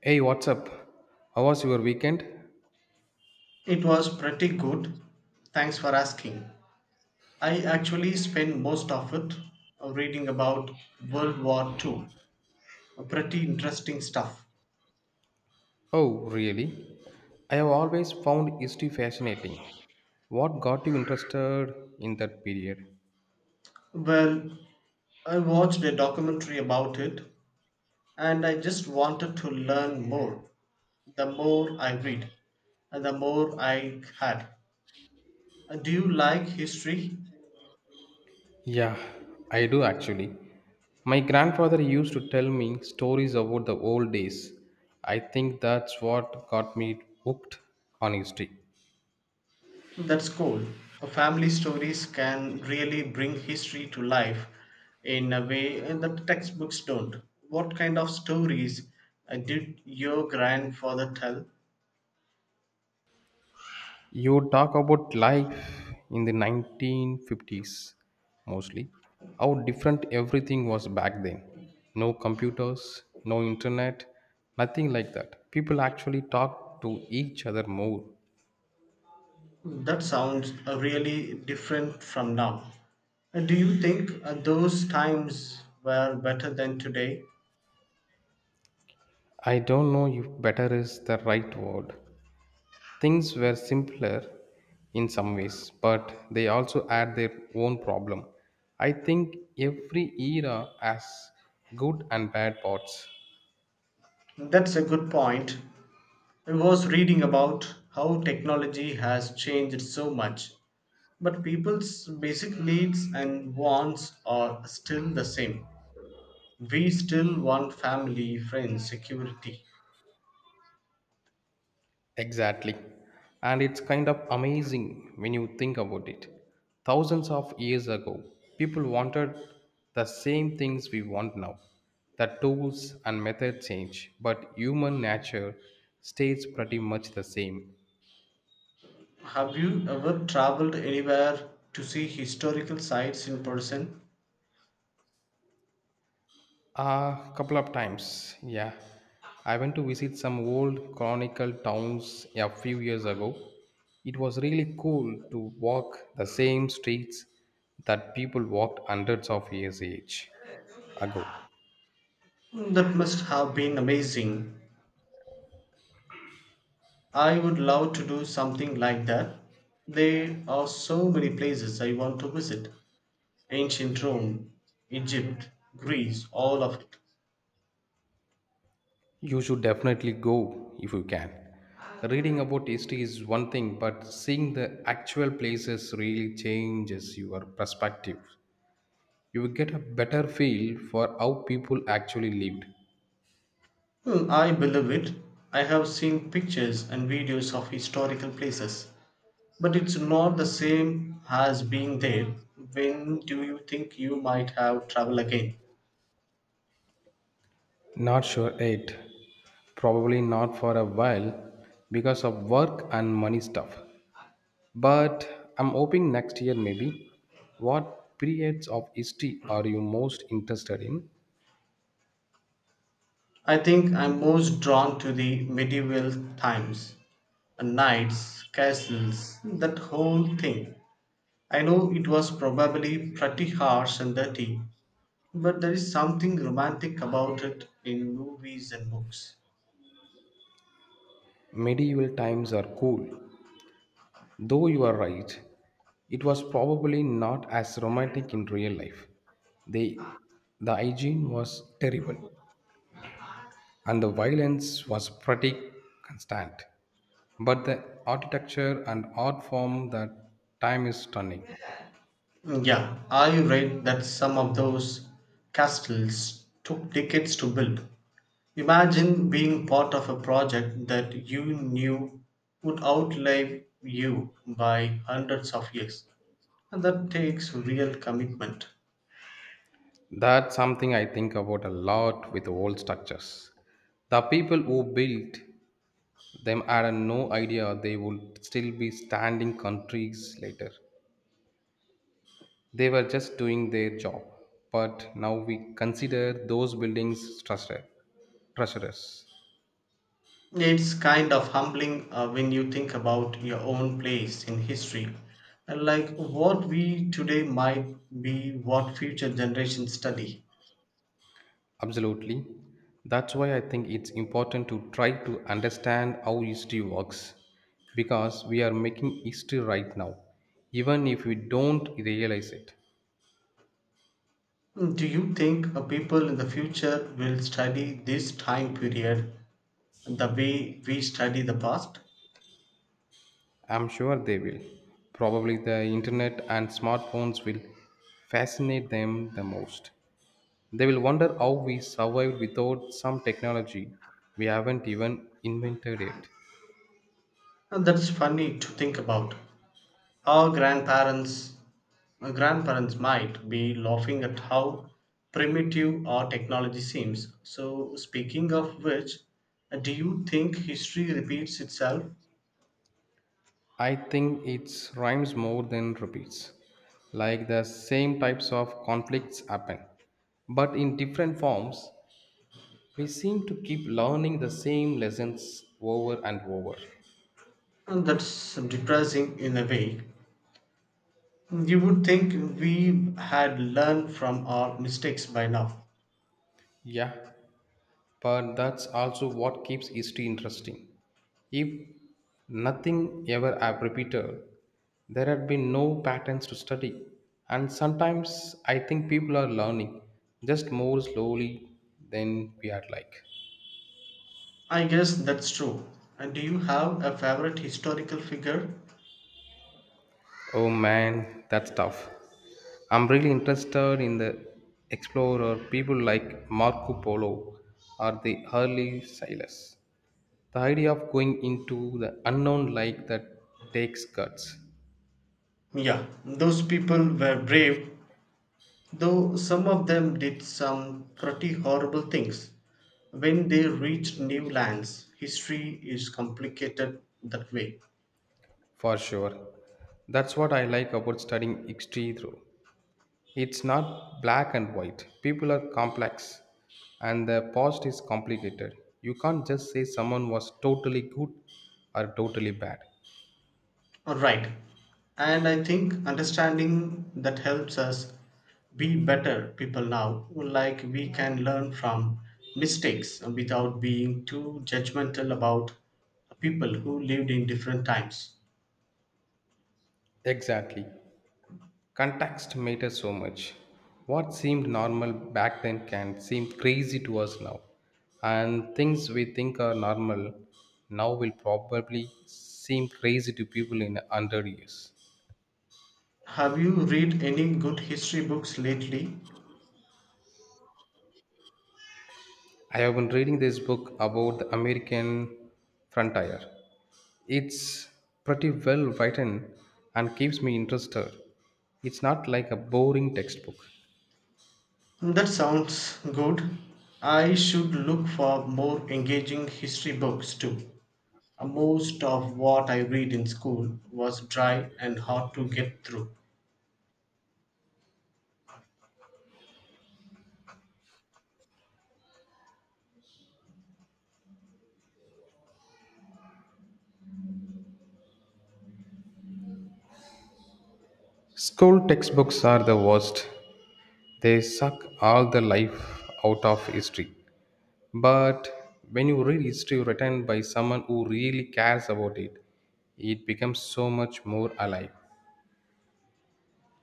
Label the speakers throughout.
Speaker 1: Hey, what's up? How was your weekend?
Speaker 2: It was pretty good. Thanks for asking. I actually spent most of it reading about World War II. Pretty interesting stuff.
Speaker 1: Oh, really? I have always found history fascinating. What got you interested in that period?
Speaker 2: Well, I watched a documentary about it and I just wanted to learn more. The more I read, the more I had. Do you like history?
Speaker 1: Yeah, I do actually. My grandfather used to tell me stories about the old days. I think that's what got me hooked on history.
Speaker 2: That's cool. Family stories can really bring history to life in a way that textbooks don't. What kind of stories did your grandfather tell?
Speaker 1: You talk about life in the 1950s mostly, how different everything was back then. No computers, no internet, nothing like that. People actually talked to each other more.
Speaker 2: That sounds really different from now. Do you think those times were better than today?
Speaker 1: I don't know if better is the right word. Things were simpler in some ways, but they also had their own problem. I think every era has good and bad parts.
Speaker 2: That's a good point. I was reading about how technology has changed so much. But people's basic needs and wants are still the same. We still want family, friends, security.
Speaker 1: Exactly. And it's kind of amazing when you think about it. Thousands of years ago, people wanted the same things we want now. The tools and method change, but human nature stays pretty much the same.
Speaker 2: Have you ever traveled anywhere to see historical sites in person?
Speaker 1: A couple of times, yeah. I went to visit some old chronicle towns a few years ago. It was really cool to walk the same streets that people walked hundreds of years age ago.
Speaker 2: Hmm, that must have been amazing. I would love to do something like that. There are so many places I want to visit: ancient Rome, Egypt, Greece, all of it.
Speaker 1: You should definitely go if you can. Reading about history is one thing, but seeing the actual places really changes your perspective. You will get a better feel for how people actually lived.
Speaker 2: Hmm, I believe it. I have seen pictures and videos of historical places, but it's not the same as being there. When do you think you might have travel again?
Speaker 1: Not sure Eight, probably not for a while because of work and money stuff. But I'm hoping next year maybe. What periods of history are you most interested in?
Speaker 2: I think I'm most drawn to the medieval times, and knights, castles, that whole thing. I know it was probably pretty harsh and dirty, but there is something romantic about it in movies and books.
Speaker 1: Medieval times are cool. Though you are right, it was probably not as romantic in real life. They, the hygiene was terrible, and the violence was pretty constant. But the architecture and art form that time is stunning.
Speaker 2: Yeah, are you right that some of those castles took decades to build? Imagine being part of a project that you knew would outlive you by hundreds of years. And that takes real commitment.
Speaker 1: That's something I think about a lot with old structures. The people who built them had no idea they would still be standing countries later. They were just doing their job. But now we consider those buildings treasure, treasures.
Speaker 2: It's kind of humbling when you think about your own place in history. And like what we today might be what future generations study.
Speaker 1: Absolutely. That's why I think it's important to try to understand how history works, because we are making history right now, even if we don't realize it.
Speaker 2: Mm, do you think people in the future will study this time period the way we study the past?
Speaker 1: I'm sure they will. Probably the internet and smartphones will fascinate them the most. They will wonder how we survived without some technology we haven't even invented yet.
Speaker 2: And that's funny to think about. Our grandparents might be laughing at how primitive our technology seems. So, speaking of which, do you think history repeats itself?
Speaker 1: I think it rhymes more than repeats. Like the same types of conflicts happen, but in different forms, we seem to keep learning the same lessons over and over.
Speaker 2: And that's depressing in a way. You would think we had learned from our mistakes by now.
Speaker 1: Yeah, but that's also what keeps history interesting. If nothing ever have repeated, there had been no patterns to study. And sometimes I think people are learning just more slowly than we are like.
Speaker 2: I guess that's true. And do you have a favorite historical figure?
Speaker 1: Oh man, that's tough. I'm really interested in the explorer people like Marco Polo or the early sailors. The idea of going into the unknown like that takes guts,
Speaker 2: Yeah, those people were brave, though some of them did some pretty horrible things. When they reached new lands, history is complicated that way.
Speaker 1: for sure. That's what I like about studying history through. It's not black and white. People are complex and the past is complicated. You can't just say someone was totally good or totally bad.
Speaker 2: Right. And I think understanding that helps us be better people now. Like we can learn from mistakes without being too judgmental about people who lived in different times.
Speaker 1: Exactly. Context matters so much. What seemed normal back then can seem crazy to us now. And things we think are normal now will probably seem crazy to people in 100 years.
Speaker 2: Have you read any good history books lately?
Speaker 1: I have been reading this book about the American frontier. It's pretty well written and keeps me interested. It's not like a boring textbook.
Speaker 2: That sounds good. I should look for more engaging history books too. Most of what I read in school was dry and hard to get through.
Speaker 1: School textbooks are the worst. They suck all the life out of history. But when you read history written by someone who really cares about it, it becomes so much more alive.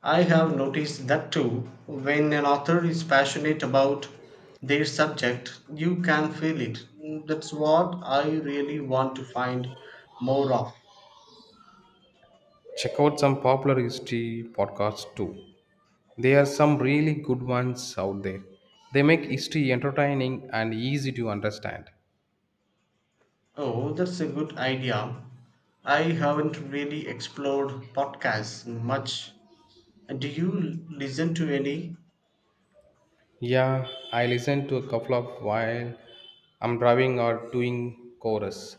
Speaker 2: I have noticed that too. When an author is passionate about their subject, you can feel it. That's what I really want to find more of.
Speaker 1: Check out some popular history podcasts too. There are some really good ones out there. They make history entertaining and easy to understand.
Speaker 2: Oh, that's a good idea. I haven't really explored podcasts much. Do you listen to any?
Speaker 1: Yeah, I listen to a couple of while I'm driving or doing chorus.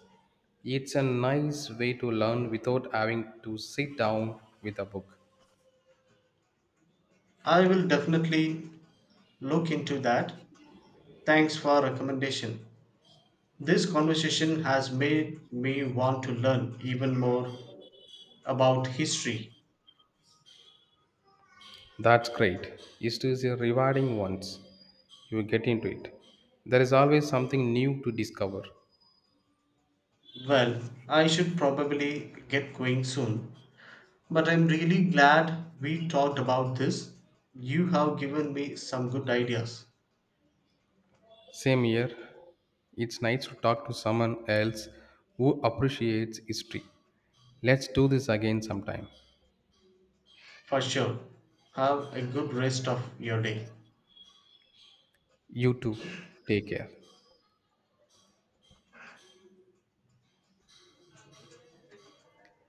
Speaker 1: It's a nice way to learn without having to sit down with a book.
Speaker 2: I will definitely look into that. Thanks for recommendation. This conversation has made me want to learn even more about history.
Speaker 1: That's great. It is a rewarding once you get into it. There is always something new to discover.
Speaker 2: Well, I should probably get going soon, but I'm really glad we talked about this. You have given me some good ideas.
Speaker 1: Same here. It's nice to talk to someone else who appreciates history. Let's do this again sometime.
Speaker 2: For sure. Have a good rest of your day.
Speaker 1: You too. Take care.